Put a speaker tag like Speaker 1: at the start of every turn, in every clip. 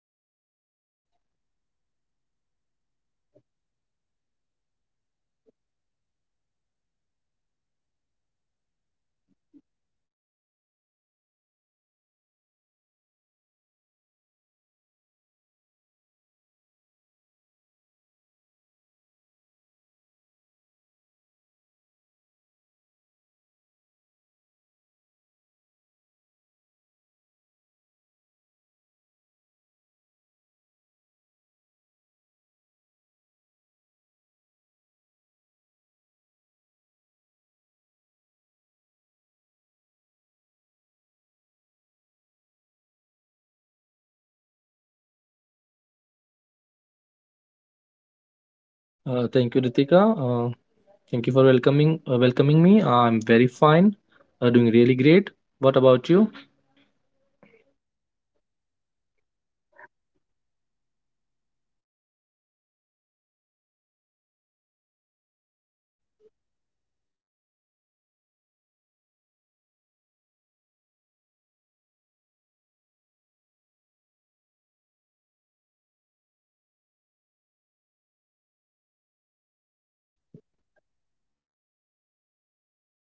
Speaker 1: part 1. Last time we explored Jaipur beyond the pink walls. We talk about its history, its planning, living culture. We talk about how Jaipur was, you know, carefully designed by Maharaja Savai Jai Singh II and how the city is more than just forts, palaces, and selfies. Prince shared how Jaipur is alive in its people, streets, artisans, and daily rhythm. And we also reflected on the importance of understanding the city, not just looking at it. We ended by promising a deeper dive into the people, youth, and hidden stories of the Jaipur. And that is what we are doing today. And yes, I am so happy to have Prince back with me. Prince, how are you?
Speaker 2: Thank you, Ritika. Thank you for welcoming me. I'm very fine, doing really great. What about you?
Speaker 1: I am good too. I am very excited actually, because today we will gonna talk about its youth, its artisans. You know, Jaipur is you know so much big city we cannot cover that in part one. So here we are in part two. We will gonna you know um, tell our listeners the women experiences and the hidden gems that make it unique.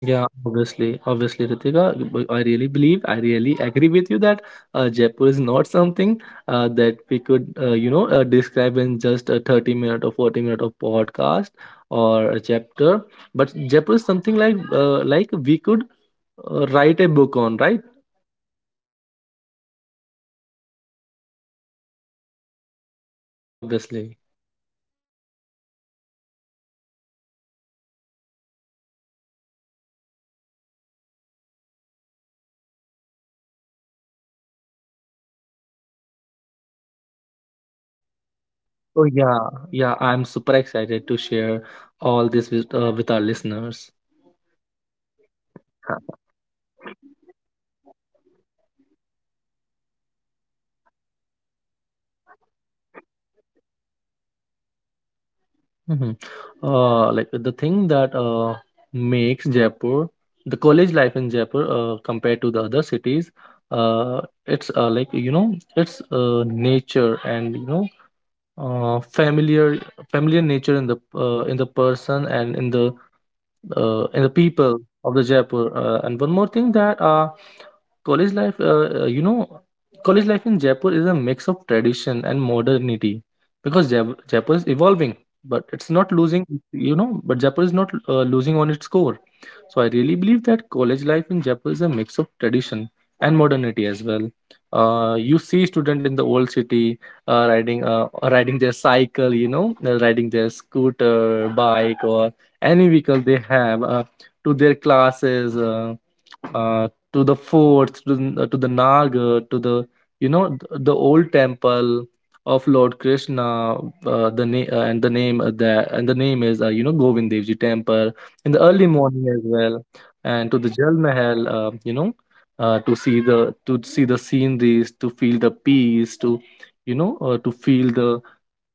Speaker 2: Yeah, obviously, Ritika. But I really believe, I really agree with you that Jaipur is not something that we could, describe in just a 30 minute or 40 minute of podcast or a chapter. But Jaipur is something like we could write a book on, right?
Speaker 1: Yeah, it can be. We can write a whole book on the Jaipur.
Speaker 2: Obviously.
Speaker 1: Yeah, mm, because Jaipur is not just pink walls, as we talked earlier. It is stories, culture, people in motions, and today we will dive into all of that. So, are you excited, friends? Shall we
Speaker 2: Oh
Speaker 1: begin?
Speaker 2: yeah, yeah, I'm super excited to share all this with our listeners.
Speaker 1: Yeah, that's the spirit. Let's start with youth first. College life in Jaipur is something special. So, Prince, what make it different from other cities?
Speaker 2: Mhm. Like the thing that makes Jaipur, the college life in Jaipur compared to the other cities, uh, it's like you know, it's nature and you know, uh, familiar familiar nature in the person and in the people
Speaker 1: Yeah,
Speaker 2: of the Jaipur. And one more thing that college life, you know, college life in Jaipur is a mix of tradition and modernity because Jaipur is evolving, but it's not losing,
Speaker 1: yeah,
Speaker 2: you know, but Jaipur is not losing on its core. So I really believe that college life in Jaipur is a mix of tradition and modernity as well. You see student in the old city riding their cycle, you know, riding their scooter, bike, or any vehicle they have to their classes. Uh, to the forts, to, to the Naga, to the you know the old temple of Lord Krishna. The name and the name that and the name is you know Govind Devji temple in the early
Speaker 1: yeah, yeah.
Speaker 2: morning as well, and to the
Speaker 1: Yes,
Speaker 2: Jal Mahal. To see the sceneries, to feel the peace, to you know, to feel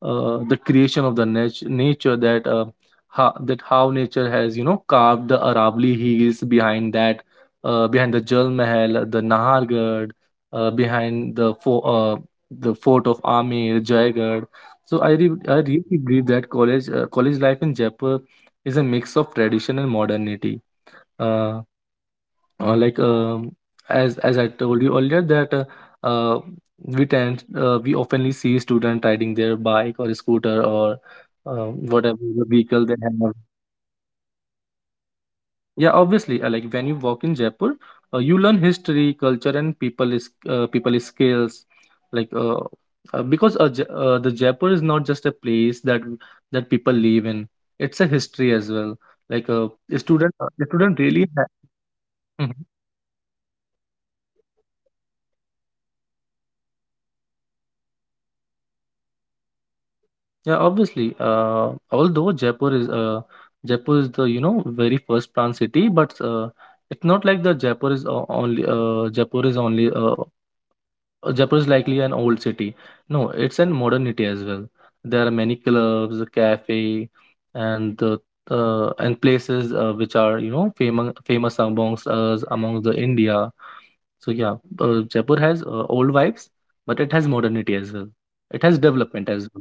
Speaker 2: the creation of the nature that how nature has you know carved the Aravali hills behind that behind the Jal Mahal, the Nahargarh, uh, behind the fo- uh, the fort of Amir, Jaigarh. So I
Speaker 1: yeah.
Speaker 2: really believe that college life in Jaipur is a mix of tradition and modernity. Uh, like as I told you earlier that uh, we oftenly see students riding their bike or scooter or uh,
Speaker 1: Yeah,
Speaker 2: whatever the vehicle
Speaker 1: because
Speaker 2: they
Speaker 1: the
Speaker 2: have.
Speaker 1: city itself is a part of education, right?
Speaker 2: Yeah, obviously. Like when you walk in Jaipur, you learn history, culture, and people skills. Like uh, because the Jaipur is not just a place that that people live in; it's a history as well.
Speaker 1: Yeah,
Speaker 2: A student
Speaker 1: and
Speaker 2: really.
Speaker 1: and and and the
Speaker 2: Mhm.
Speaker 1: college life, it is not about studies, right? It is sometimes about creativity, you know, clubs, festivals, everything.
Speaker 2: Yeah, obviously. Although Jaipur is the you know very first planned city, but it's not like the Jaipur is o- only Jaipur is only Jaipur is likely an old city. No, it's in modernity as well. There are many clubs, cafe, and the and places which are you know famous amongst us among the India. So yeah, Jaipur has old vibes, but it has modernity as well. It has development as
Speaker 1: Yeah,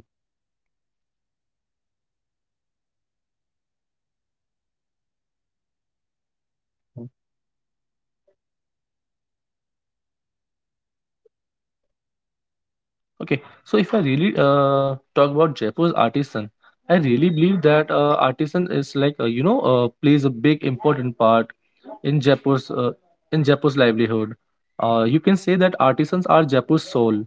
Speaker 1: yeah, Prince. If I talk about Jaipur's artisans, you know, who keeps
Speaker 2: well.
Speaker 1: the city alive through its crafts? What are what is your take on Jaipur's artisans?
Speaker 2: Okay, so if I really talk about Jaipur's artisan, I really believe that artisan is like plays a big important part in Jaipur's uh, in Jaipur's livelihood. You can say that artisans are Jaipur's soul.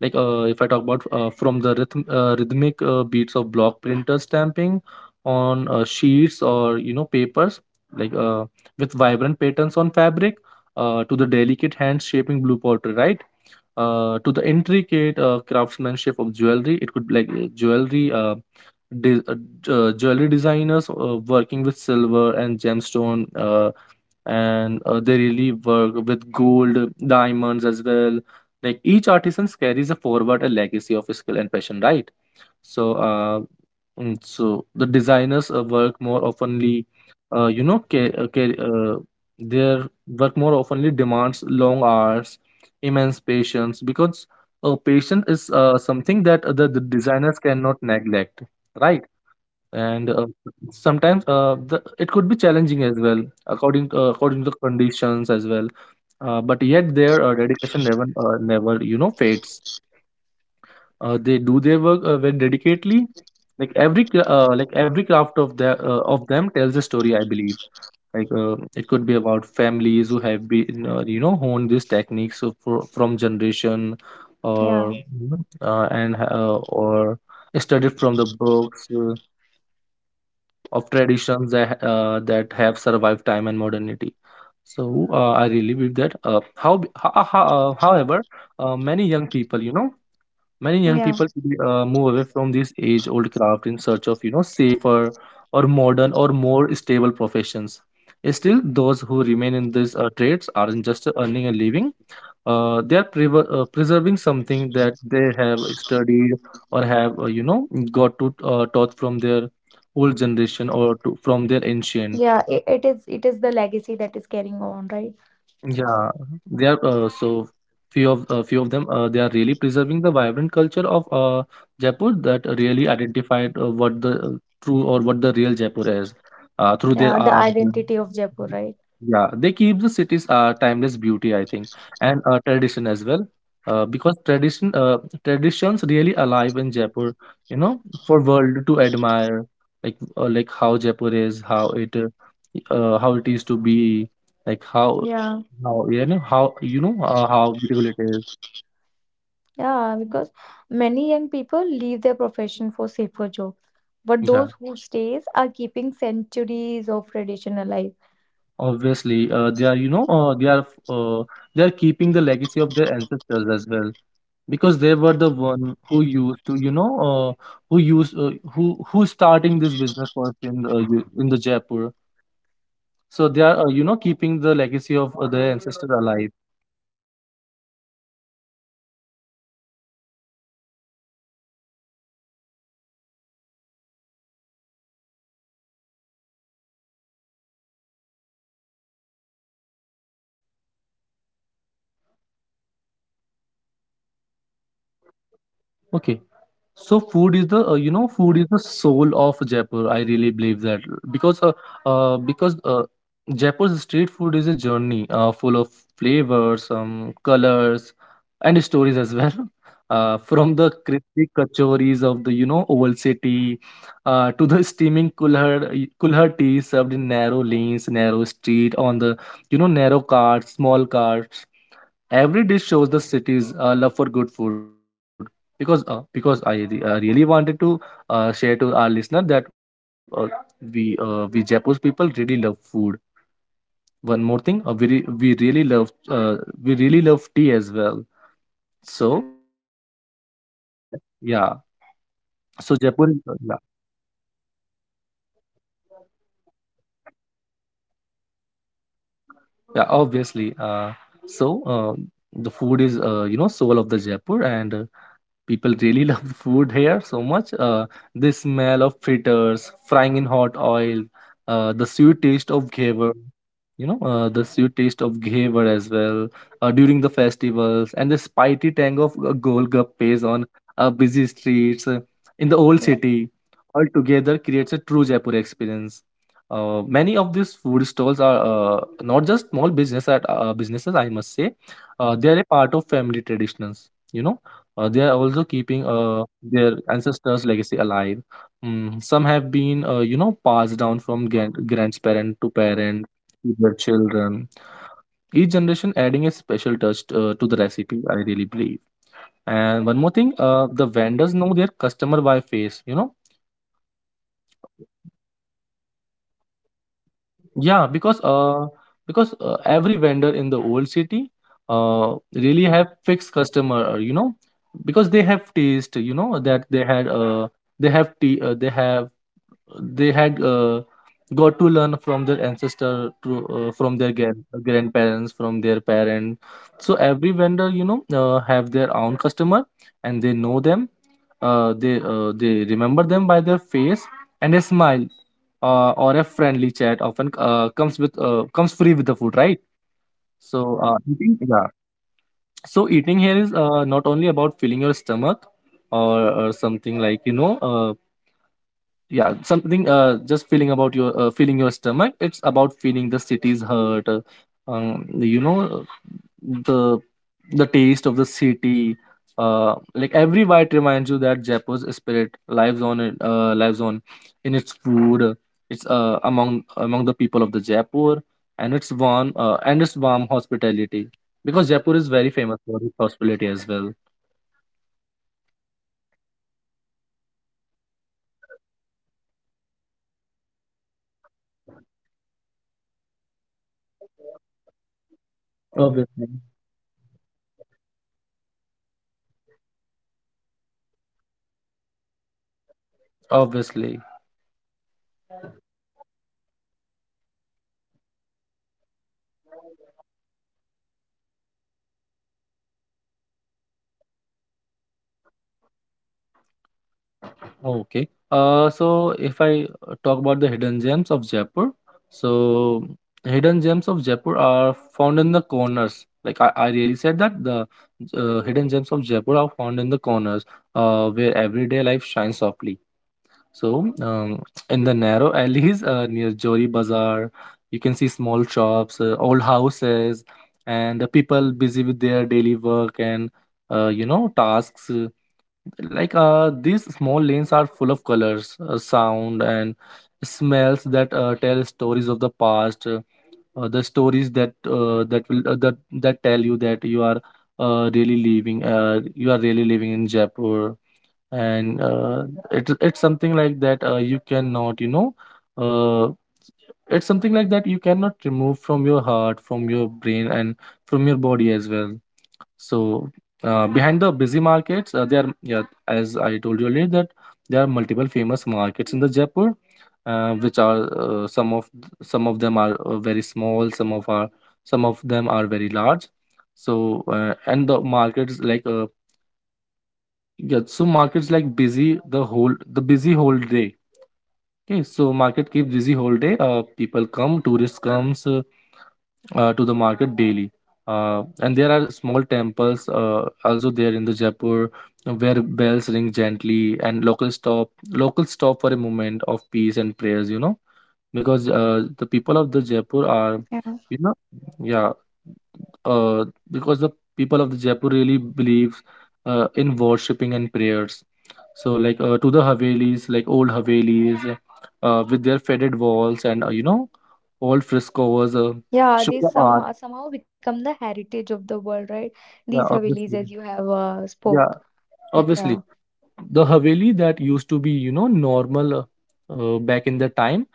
Speaker 2: If I talk about from the rhythm, rhythmic beats of block printer stamping on sheets or you know papers, like uh, with vibrant patterns on fabric, to the delicate hands shaping blue pottery, right? To the intricate craftsmanship of jewelry. It could be like de- uh, jewelry designers working with silver and gemstone, and they really work with gold, diamonds as well. Like each artisan carries a forward a legacy of skill and passion, right? So, so the designers work more oftenly, uh, you know, ca- uh, ca- uh, their work more oftenly demands long hours immense patience because patience is something that the designers cannot neglect, right. and uh,
Speaker 1: Yeah,
Speaker 2: sometimes uh, the, it could be challenging as well according to, according to the conditions as well. But yet their dedication never you know fades. They do their work very dedicatedly, like like every craft of their of them tells a story, I believe. It could be about families who have been you know honed these techniques for, from generation
Speaker 1: yeah,
Speaker 2: or you know, or studied from the books of traditions that that have survived time and modernity. So I really believe that however many young people you know. Many young
Speaker 1: yeah.
Speaker 2: people today move away from this age-old craft in search of, you know, safer or modern or more stable professions. Still, those who remain in these trades aren't just earning a living. They are preserving something that they have studied or have, you know, got to taught from their old generation or to, from their ancient.
Speaker 1: Yeah, it is the legacy that is carrying on, right?
Speaker 2: Yeah, they are so few of them. They are really preserving the vibrant culture of Jaipur that really identified what the true or what the real Jaipur is through their
Speaker 1: Yeah, the
Speaker 2: art.
Speaker 1: identity of Jaipur, right?
Speaker 2: Yeah, they keep the city's timeless beauty, I think, and tradition as well. Because traditions really alive in Jaipur, you know, for world to admire, like how Jaipur is, how it is to be, like
Speaker 1: Yeah.
Speaker 2: how you know how you know how beautiful it is.
Speaker 1: Yeah, because many young people leave their profession for safer job, but
Speaker 2: Yeah,
Speaker 1: those who stays are keeping centuries of tradition alive.
Speaker 2: obviously, they are you know they are keeping the legacy of their ancestors as well because they were the one who used to you know uh, who used who starting this business first in the, in the Jaipur. So they are you know keeping the legacy of their ancestors alive.
Speaker 1: Yeah, it is. One thing, Jaipur is famous for its street food. Prince, what makes it special? What street food or what is the, you know, I can say the journey of flavors. What makes this city special, especially if I talk about some food items.
Speaker 2: Okay. So food is the food is the soul of Jaipur. I really believe that because uh because uh Jaipur's street food is a journey full of flavors, colors, and stories as well. From the
Speaker 1: Yeah,
Speaker 2: crispy kachoris of the you know old city, to the steaming kulhar tea served in narrow lanes, narrow street on the you know narrow carts, small carts. Every dish shows the city's love for good food. Because I really wanted to share to our listener that we Jaipur people really love food. One more thing, we really love tea as well.
Speaker 1: yeah, I do
Speaker 2: So
Speaker 1: also.
Speaker 2: that's the- yeah.
Speaker 1: Ja Jaipur's
Speaker 2: So Jaipur,
Speaker 1: flavor,
Speaker 2: yeah,
Speaker 1: Jaipur's flavor is, you know, something you can die for.
Speaker 2: yeah, obviously. So uh, the food is soul of the Jaipur and people really love the food here so much. The smell of fritters, frying in hot oil, the sweet taste
Speaker 1: Yeah,
Speaker 2: of ghevar, you know, the sweet taste of ghevar as well during the festivals, and the spicy tang of golgappes on busy streets in the old
Speaker 1: yeah,
Speaker 2: city. All together creates a true Jaipur experience. Many of these food stalls are not just small businesses, I must say. They are a part of family traditions. You know they are also
Speaker 1: yeah,
Speaker 2: keeping their ancestors' legacy alive. Mm, some have been, you know, passed down from grandparent to parent to their children. Each generation adding a special touch to the recipe. I really believe. And one more thing, the vendors know their customer by face. You know,
Speaker 1: yeah. It become the part of their family.
Speaker 2: yeah, because every vendor in the old city really have fixed customer. You know, because they have taste. You know that they have tea. They have they had got to learn from their ancestor from their
Speaker 1: Yeah,
Speaker 2: grandparents from their parent. So every vendor, have their own customer, and they know them. They remember them by their face and a smile, or a friendly chat often comes free with the food, right? so
Speaker 1: yeah,
Speaker 2: uh,
Speaker 1: it
Speaker 2: eating
Speaker 1: is.
Speaker 2: yeah so eating here is, not only about filling your stomach, or something like, something, just feeling your stomach. It's about feeling the city's hurt, um you know uh, the the taste of the city. Like every bite reminds you that Jaipur's spirit lives on, it lives on in its food. It's among the people of the Jaipur, and its warm hospitality, because Jaipur is very famous
Speaker 1: Yeah.
Speaker 2: for its hospitality as well.
Speaker 1: Yeah, as we said, as you have spoke that many families run these stalls for generations, right? The taste remain the same, the legacy remain the same. Jaipur
Speaker 2: Obviously.
Speaker 1: is more about legacy, right? Eating is not just, you know, tasting the food, it is experiencing the city.
Speaker 2: Obviously.
Speaker 1: And apart from the food, apart from the, you know, artisans, apart from the famous monuments, which hidden gems should people notice?
Speaker 2: Okay. So if I talk about the hidden gems of Jaipur, so hidden gems of Jaipur are found in the corners. Like I really said that the, hidden gems of Jaipur are found in the corners, where everyday life shines softly. So, in the narrow alleys, near Jori Bazaar, you can see small shops, old houses, and the people busy with their daily work and, tasks. Like, these small lanes are full of colors, sound, and smells that, tell stories of the past. The stories that, that will that that tell you that you are really living in Jaipur, and, it's something like that. You cannot, uh, it's something like that. You cannot remove from your heart, from your brain, and from your body as well. So, behind the busy markets, there are, yeah, as I told you earlier, that there are multiple famous markets in the Jaipur, which are, uh, some of some of them are, very small, some of them are very large. So and the markets like yeah, so markets like busy the busy whole day. Okay, so market keeps busy whole day. People come, tourists comes, to the market daily. And there are small temples, also there in the Jaipur, where bells ring gently and locals stop for a moment of peace and prayers. You know, because, the people of the Jaipur are, you know, yeah, uh, because the people of the Jaipur really believes, in worshipping and prayers. So like, to the Havelis, like old Havelis, with their faded walls and, old frescoes, show
Speaker 1: Yeah,
Speaker 2: the
Speaker 1: they
Speaker 2: art.
Speaker 1: some somehow become the heritage of the world, right?
Speaker 2: Yeah,
Speaker 1: These Havelis,
Speaker 2: obviously.
Speaker 1: as you have
Speaker 2: Yeah,
Speaker 1: spoke.
Speaker 2: obviously.
Speaker 1: Yeah,
Speaker 2: The haveli that used to be, normal, back in the time,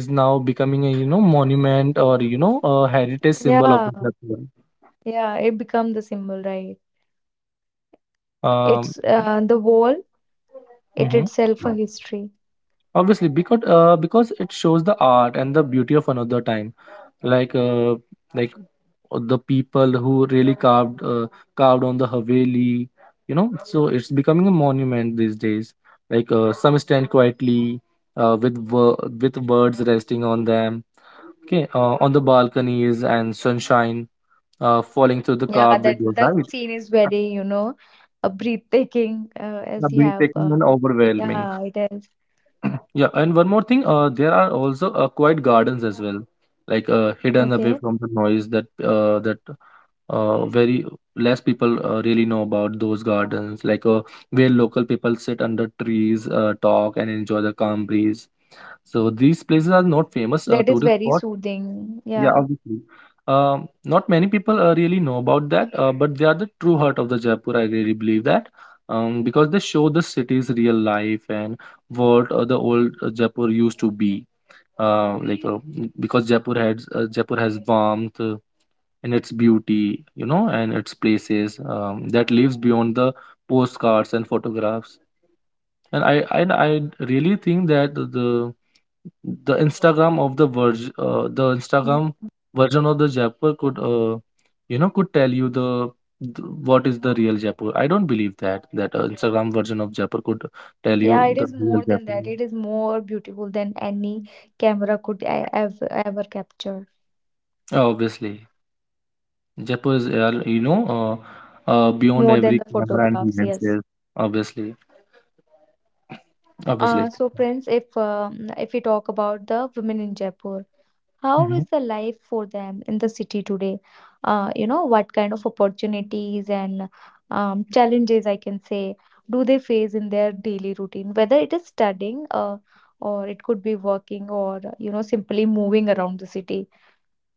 Speaker 2: is now becoming a, monument, or, a heritage symbol of the
Speaker 1: yeah,
Speaker 2: Jaipur.
Speaker 1: yeah. It become the symbol, right?
Speaker 2: Um,
Speaker 1: It's the wall. It
Speaker 2: mhm.
Speaker 1: itself a history.
Speaker 2: Obviously, because, because it shows the art and the beauty of another time. Like uh, like uh, the people who really carved on the haveli, you know, so it's becoming a monument these days. Like, some stand quietly, with birds resting on them, okay on the balconies, and sunshine, falling through the
Speaker 1: Yeah,
Speaker 2: carved windows,
Speaker 1: that
Speaker 2: right?
Speaker 1: that scene is very, you know, breathtaking.
Speaker 2: Breathtaking and overwhelming.
Speaker 1: Yeah, it is.
Speaker 2: Yeah, and one more thing, there are also, quiet gardens as well, like, hidden away
Speaker 1: Okay,
Speaker 2: from the noise, that very less people, really know about those gardens, like, where local people sit under trees, talk, and enjoy the calm breeze. So these places are not famous,
Speaker 1: that is
Speaker 2: tourist
Speaker 1: very
Speaker 2: spots.
Speaker 1: soothing.
Speaker 2: Yeah,
Speaker 1: Yeah.
Speaker 2: obviously. Not many people, really know about that, but they are the true heart of the Jaipur. I really believe that, because they show the city's real life and what, the old, Jaipur used to be. Because Jaipur has, warmth, and its beauty, you know, and its places, that lives beyond the postcards and photographs. And I really think that the instagram of the version the
Speaker 1: Yeah,
Speaker 2: instagram version of the Jaipur could, could tell you, the what is the real Jaipur. I don't believe that Instagram version of Jaipur could tell you
Speaker 1: yeah, it
Speaker 2: the
Speaker 1: is
Speaker 2: real
Speaker 1: more than
Speaker 2: Jaipur.
Speaker 1: that. It is more beautiful than any camera could ever ever capture.
Speaker 2: Obviously, Jaipur is, beyond
Speaker 1: More than
Speaker 2: every
Speaker 1: the
Speaker 2: camera and
Speaker 1: photographs, yes.
Speaker 2: lenses. Obviously. Obviously.
Speaker 1: So, friends, if we talk about the women in Jaipur, how
Speaker 2: Mhm.
Speaker 1: is the life for them in the city today? You know, what kind of opportunities and challenges I can say do they face in their daily routine? Whether it is studying, or it could be working, or you know, simply moving around the city.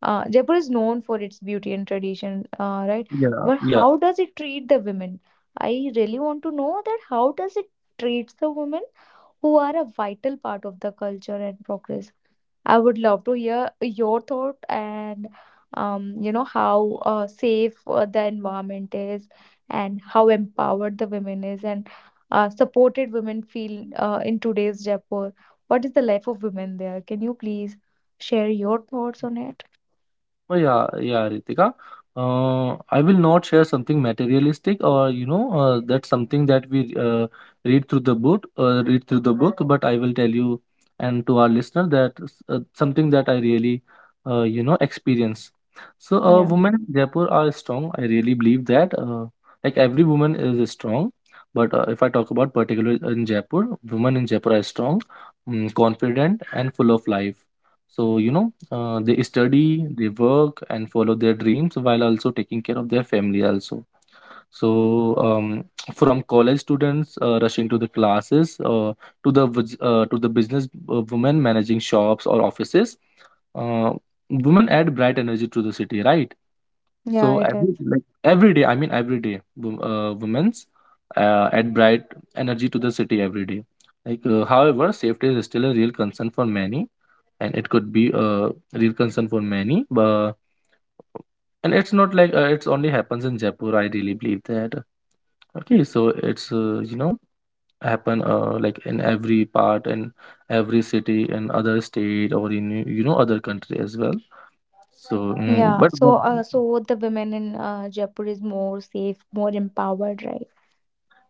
Speaker 1: Jaipur is known for its beauty and tradition, right?
Speaker 2: yeah
Speaker 1: But
Speaker 2: yeah
Speaker 1: how does it treat the women? I really want to know that how does it treats the women who are a vital part of the culture and progress. I would love to hear your thought and you know how safe the environment is and how empowered the women is and supported women feel in today's Jaipur. What is the life of women there? Can you please share your thoughts on it?
Speaker 2: Oh, yeah, yeah, Ritika. I will not share something materialistic, or, that's something that we, read through the book, But I will tell you and to our listener that, something that I really, experience. So,
Speaker 1: Yeah.
Speaker 2: women in Jaipur are strong. I really believe that. Like every woman is strong, but, if I talk about particular in Jaipur, women in Jaipur are strong, confident, and full of life. So, they study, they work, and follow their dreams while also taking care of their family also. So, from college students, rushing to the classes, to the business, women managing shops or offices, uh, women add bright energy to the city, right?
Speaker 1: Yeah,
Speaker 2: So
Speaker 1: it is.
Speaker 2: every day, I mean every day, women's, add bright energy to the city every day. Like, however, safety is still a real concern for many, and it could be a real concern for many, but, and it's not like, it's only happens in Jaipur, I really believe that. Okay, so it's, happen, like in every part, in every city, in other state, or in, other country as well. So,
Speaker 1: Yeah. So, so the women in Jaipur is more safe, more empowered, right?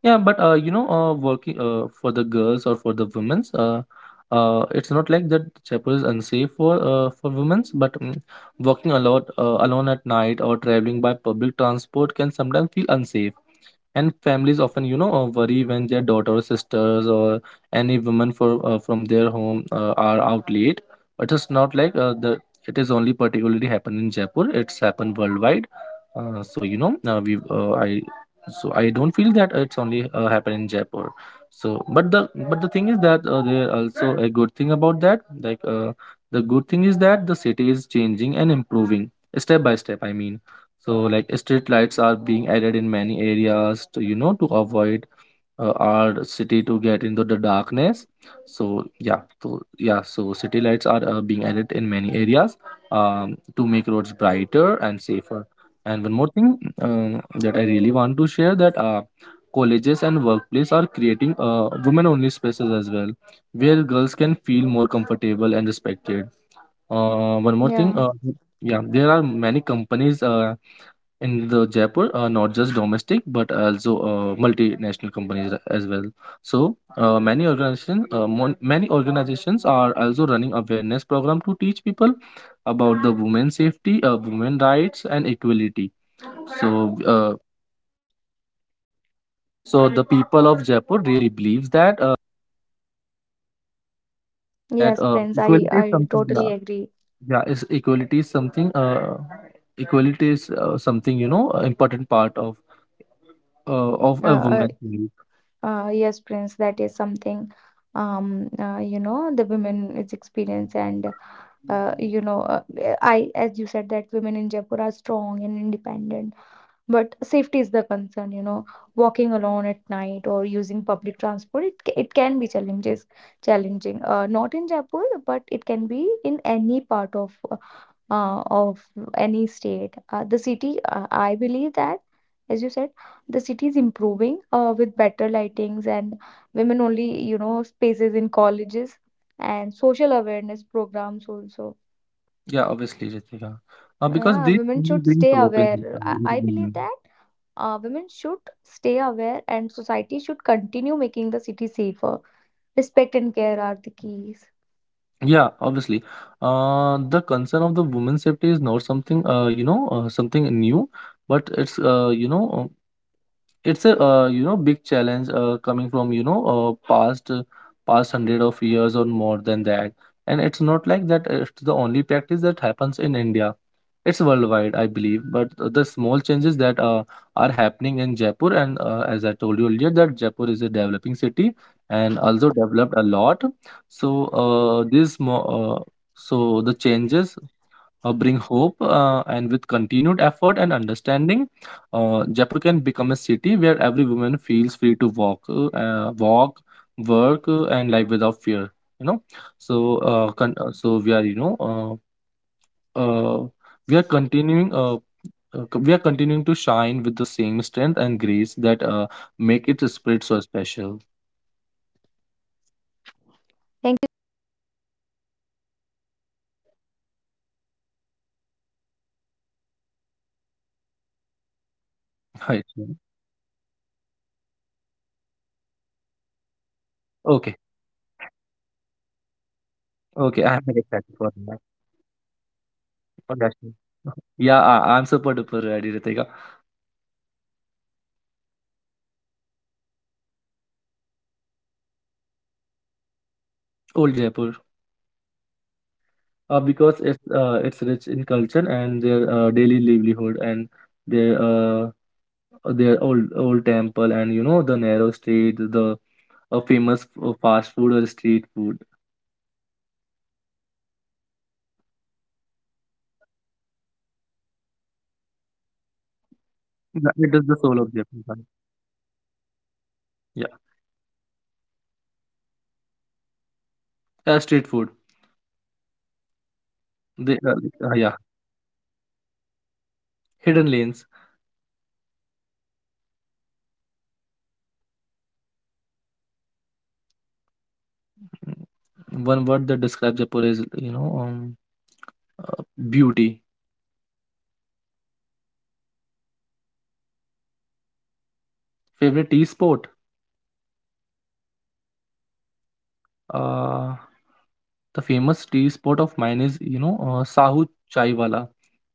Speaker 2: Yeah, but, working, for the girls, or for the women's, it's not like that chapel is unsafe for, for women's, but walking a lot, alone at night, or traveling by public transport can sometimes feel unsafe, and families often, worry when their daughter, sisters, or any women for, from their home, are out late. But it's not like, the it is only particularly happened in Jaipur, it's happened worldwide. So you know we I so I don't feel that it's only, happened in Jaipur. So, but the thing is that, there also a good thing about that. Like, the good thing is that the city is changing and improving step by step, I mean. So like street lights are being added in many areas to, to avoid, our city to get into the darkness. So yeah, so yeah, so city lights are, being added in many areas, to make roads brighter and safer. And one more thing, that I really want to share, that, colleges and workplace are creating, women-only spaces as well, where girls can feel more comfortable and respected. One more thing,
Speaker 1: Yeah.
Speaker 2: yeah, there are many companies. In the Jaipur, not just domestic, but also, multinational companies as well. So, many organizations, many organizations are also running awareness program to teach people about the women safety, women rights, and equality. So uh, so the people of Jaipur really believes that uh, uh, that
Speaker 1: Yes,
Speaker 2: uh,
Speaker 1: Prince. I
Speaker 2: equality is
Speaker 1: I
Speaker 2: something.
Speaker 1: totally
Speaker 2: Yeah,
Speaker 1: agree.
Speaker 2: yeah, is equality is something. Equality is, something, important part of, a
Speaker 1: Uh,
Speaker 2: woman.
Speaker 1: yes, Prince. That is something. You know, the women is experience and uh, you know, uh, I as you said that women in Jaipur are strong and independent. But safety is the concern, you know, walking alone at night or using public transport, it, it can be challenges, challenging. Not in Jaipur, but it can be in any part of any state. The city, I believe that, as you said, the city is improving with better lightings and women only, you know, spaces in colleges and social awareness programs also.
Speaker 2: Yeah, obviously, Ritika. Because
Speaker 1: Yeah,
Speaker 2: this
Speaker 1: women
Speaker 2: really
Speaker 1: should
Speaker 2: brings
Speaker 1: stay
Speaker 2: hope in,
Speaker 1: aware. I,
Speaker 2: in
Speaker 1: I believe
Speaker 2: women.
Speaker 1: that women should stay aware, and society should continue making the city safer. Respect and care are the keys.
Speaker 2: Yeah, obviously. The concern of the women's safety is not something, something new, but it's a, big challenge, coming from, past, past 100 of years, or more than that. And it's not like that. It's the only practice that happens in India. It's worldwide, I believe, but, the small changes that, are happening in Jaipur, and, as I told you earlier, that Jaipur is a developing city and also developed a lot. So uh, these mo- uh, so the changes, bring hope, and with continued effort and understanding, Jaipur can become a city where every woman feels free to walk, work, and live without fear. You know, so we are, uh, continuing, to shine with the same strength and grace that, make its spirit so special.
Speaker 1: Thank you so much, Prince, for sharing your wonderful thoughts. Let's move to another segment. It is rapid fire again. You
Speaker 2: Right. Mm.
Speaker 1: have to answer without even the thing, a single thing, okay? I'm gonna
Speaker 2: Okay.
Speaker 1: ask you, you have to choose between, okay?
Speaker 2: Okay. I'm
Speaker 1: Let's
Speaker 2: very
Speaker 1: do a
Speaker 2: excited for
Speaker 1: quick
Speaker 2: that.
Speaker 1: fun round. Okay, are
Speaker 2: For
Speaker 1: you
Speaker 2: that.
Speaker 1: ready?
Speaker 2: Yeah, I'm super duper ready, Ritika.
Speaker 1: Okay, if you have to choose between old Jaipur and new Jaipur, what would you choose
Speaker 2: Old Jaipur,
Speaker 1: and why?
Speaker 2: because it's rich in culture and their, daily livelihood, and their uh, their old temple, and, the narrow street, the, famous, fast food or street food.
Speaker 1: Okay, yeah, right. Old Jaipur because it is definitely the soul of you know the Jaipur.
Speaker 2: Yeah, it is the soul
Speaker 1: The
Speaker 2: of
Speaker 1: soul
Speaker 2: Jaipur,
Speaker 1: of the
Speaker 2: right?
Speaker 1: Jaipur lies in old Jaipur.
Speaker 2: Yeah,
Speaker 1: Street food or cafe?
Speaker 2: street food.
Speaker 1: Okay,
Speaker 2: They are,
Speaker 1: hidden
Speaker 2: yeah,
Speaker 1: lanes or famous forts?
Speaker 2: hidden lanes.
Speaker 1: One word to describe Jaipur. Only one word.
Speaker 2: Mm, One word that describes Jaipur is, uh, beauty.
Speaker 1: Mhm, great. Favorite tea spot?
Speaker 2: Favorite tea spot?
Speaker 1: Yeah,
Speaker 2: Uh, the famous tea spot of mine is, Sahu Chaiwala.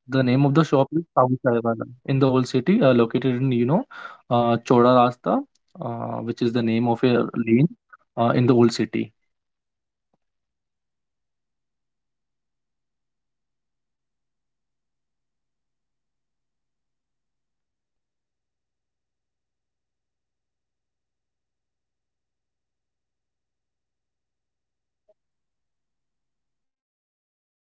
Speaker 2: The name of
Speaker 1: yeah,
Speaker 2: the
Speaker 1: in the
Speaker 2: shop is
Speaker 1: old city,
Speaker 2: Sahu
Speaker 1: right?
Speaker 2: Chaiwala in the old city, located in, Choda Rasta, which is the name of
Speaker 1: Okay.
Speaker 2: a lane, in the old city.
Speaker 1: Okay, Prince, that is all from my side. If you want to say something to our listeners, it would be very great. Can you please share your thoughts about, you know, to the youth, to the listeners who whoever is listening, what they can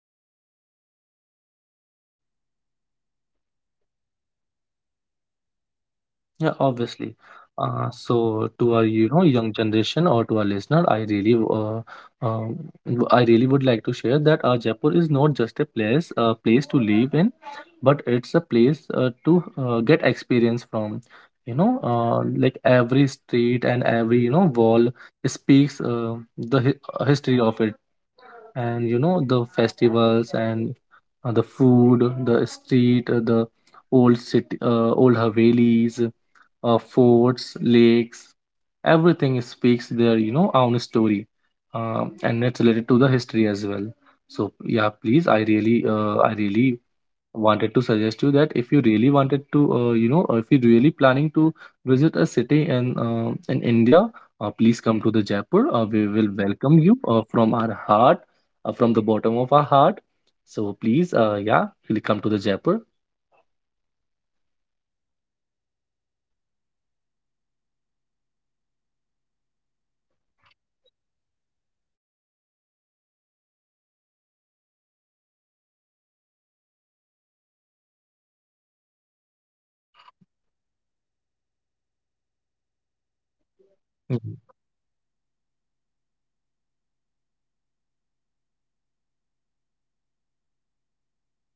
Speaker 1: take any steps to, you know, the to make the city much better.
Speaker 2: Yeah, obviously. So to our, young generation, or to our listener, I really, um, I really would like to share that, Jaipur is not just a place to live in, but it's a place, to, get experience from. Like every street, and every, wall speaks, history of it, and, the festivals, and, the food, the street, the old city, old Havelis, forts, lakes, everything speaks their, own story, and it's related to the history as well. So yeah, please, I really wanted to suggest you that, if you really wanted to, you know, if you really planning to visit a city in, in India. Please come to the Jaipur. We will welcome you, from our heart, from the bottom of our heart. So please, yeah, really come to the Jaipur.
Speaker 1: Yeah, thank you so much, Prince. Before we signing off, I want to take a moment to say very heartfelt thank you, you too, Prince. Thank you for not just being a guest on this podcast, but for being a thoughtful voice also, who help us to see Jaipur beyond what our eyes usually notice. Your
Speaker 2: Mm,
Speaker 1: stories, your POVs, and the reflections and honesty added depth to the conversation.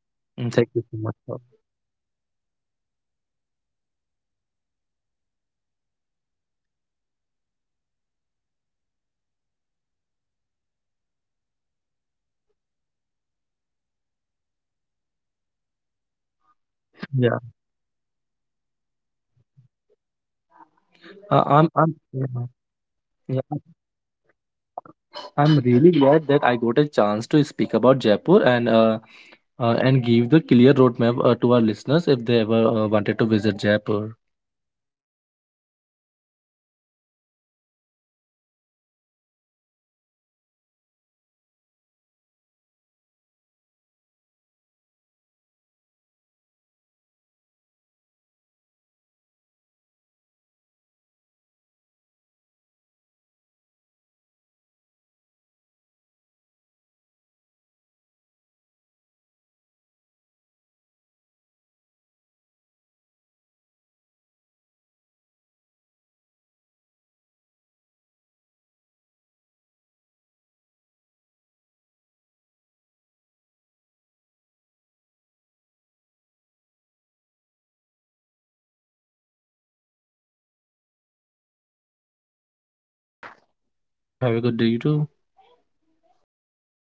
Speaker 1: You did
Speaker 2: Thank
Speaker 1: not
Speaker 2: you so
Speaker 1: just,
Speaker 2: much,
Speaker 1: you
Speaker 2: sir.
Speaker 1: know, talk about the city, you help us feel it. The way you spoke about Jaipur's people, the youth, the artisans, especially the women's and everyday life remind us that cities are not just made of walls and monuments, but of
Speaker 2: Yeah,
Speaker 1: human experiences and emotions, right? Your
Speaker 2: I'm,
Speaker 1: perspective,
Speaker 2: yeah,
Speaker 1: yeah,
Speaker 2: yeah.
Speaker 1: yeah, yes, Prince, continue.
Speaker 2: I'm really glad that I got a chance to speak about Jaipur, and give the clear roadmap, to our listeners if they ever, wanted to visit Jaipur.
Speaker 1: Yeah, definitely. Your perspective made this episode richer, more meaningful, and truly memorable. So, thank you so much for sharing your time, your thoughts, and your love for the city. It really means to me. It really means a lot to me and to everyone listening today. And and with that beautiful thought, we come to the end of the today's episode. Thank you so much for listening. Thank you so much, Prince, and thank you for staying with us on the journey beyond the pink walls and keep listening, keep exploring, and most importantly, keep feeling the stories around you. This is Ritika signing off. See you in the next episode. Thank you, friends. Have a good day.
Speaker 2: Thank you. Have a good day, you too.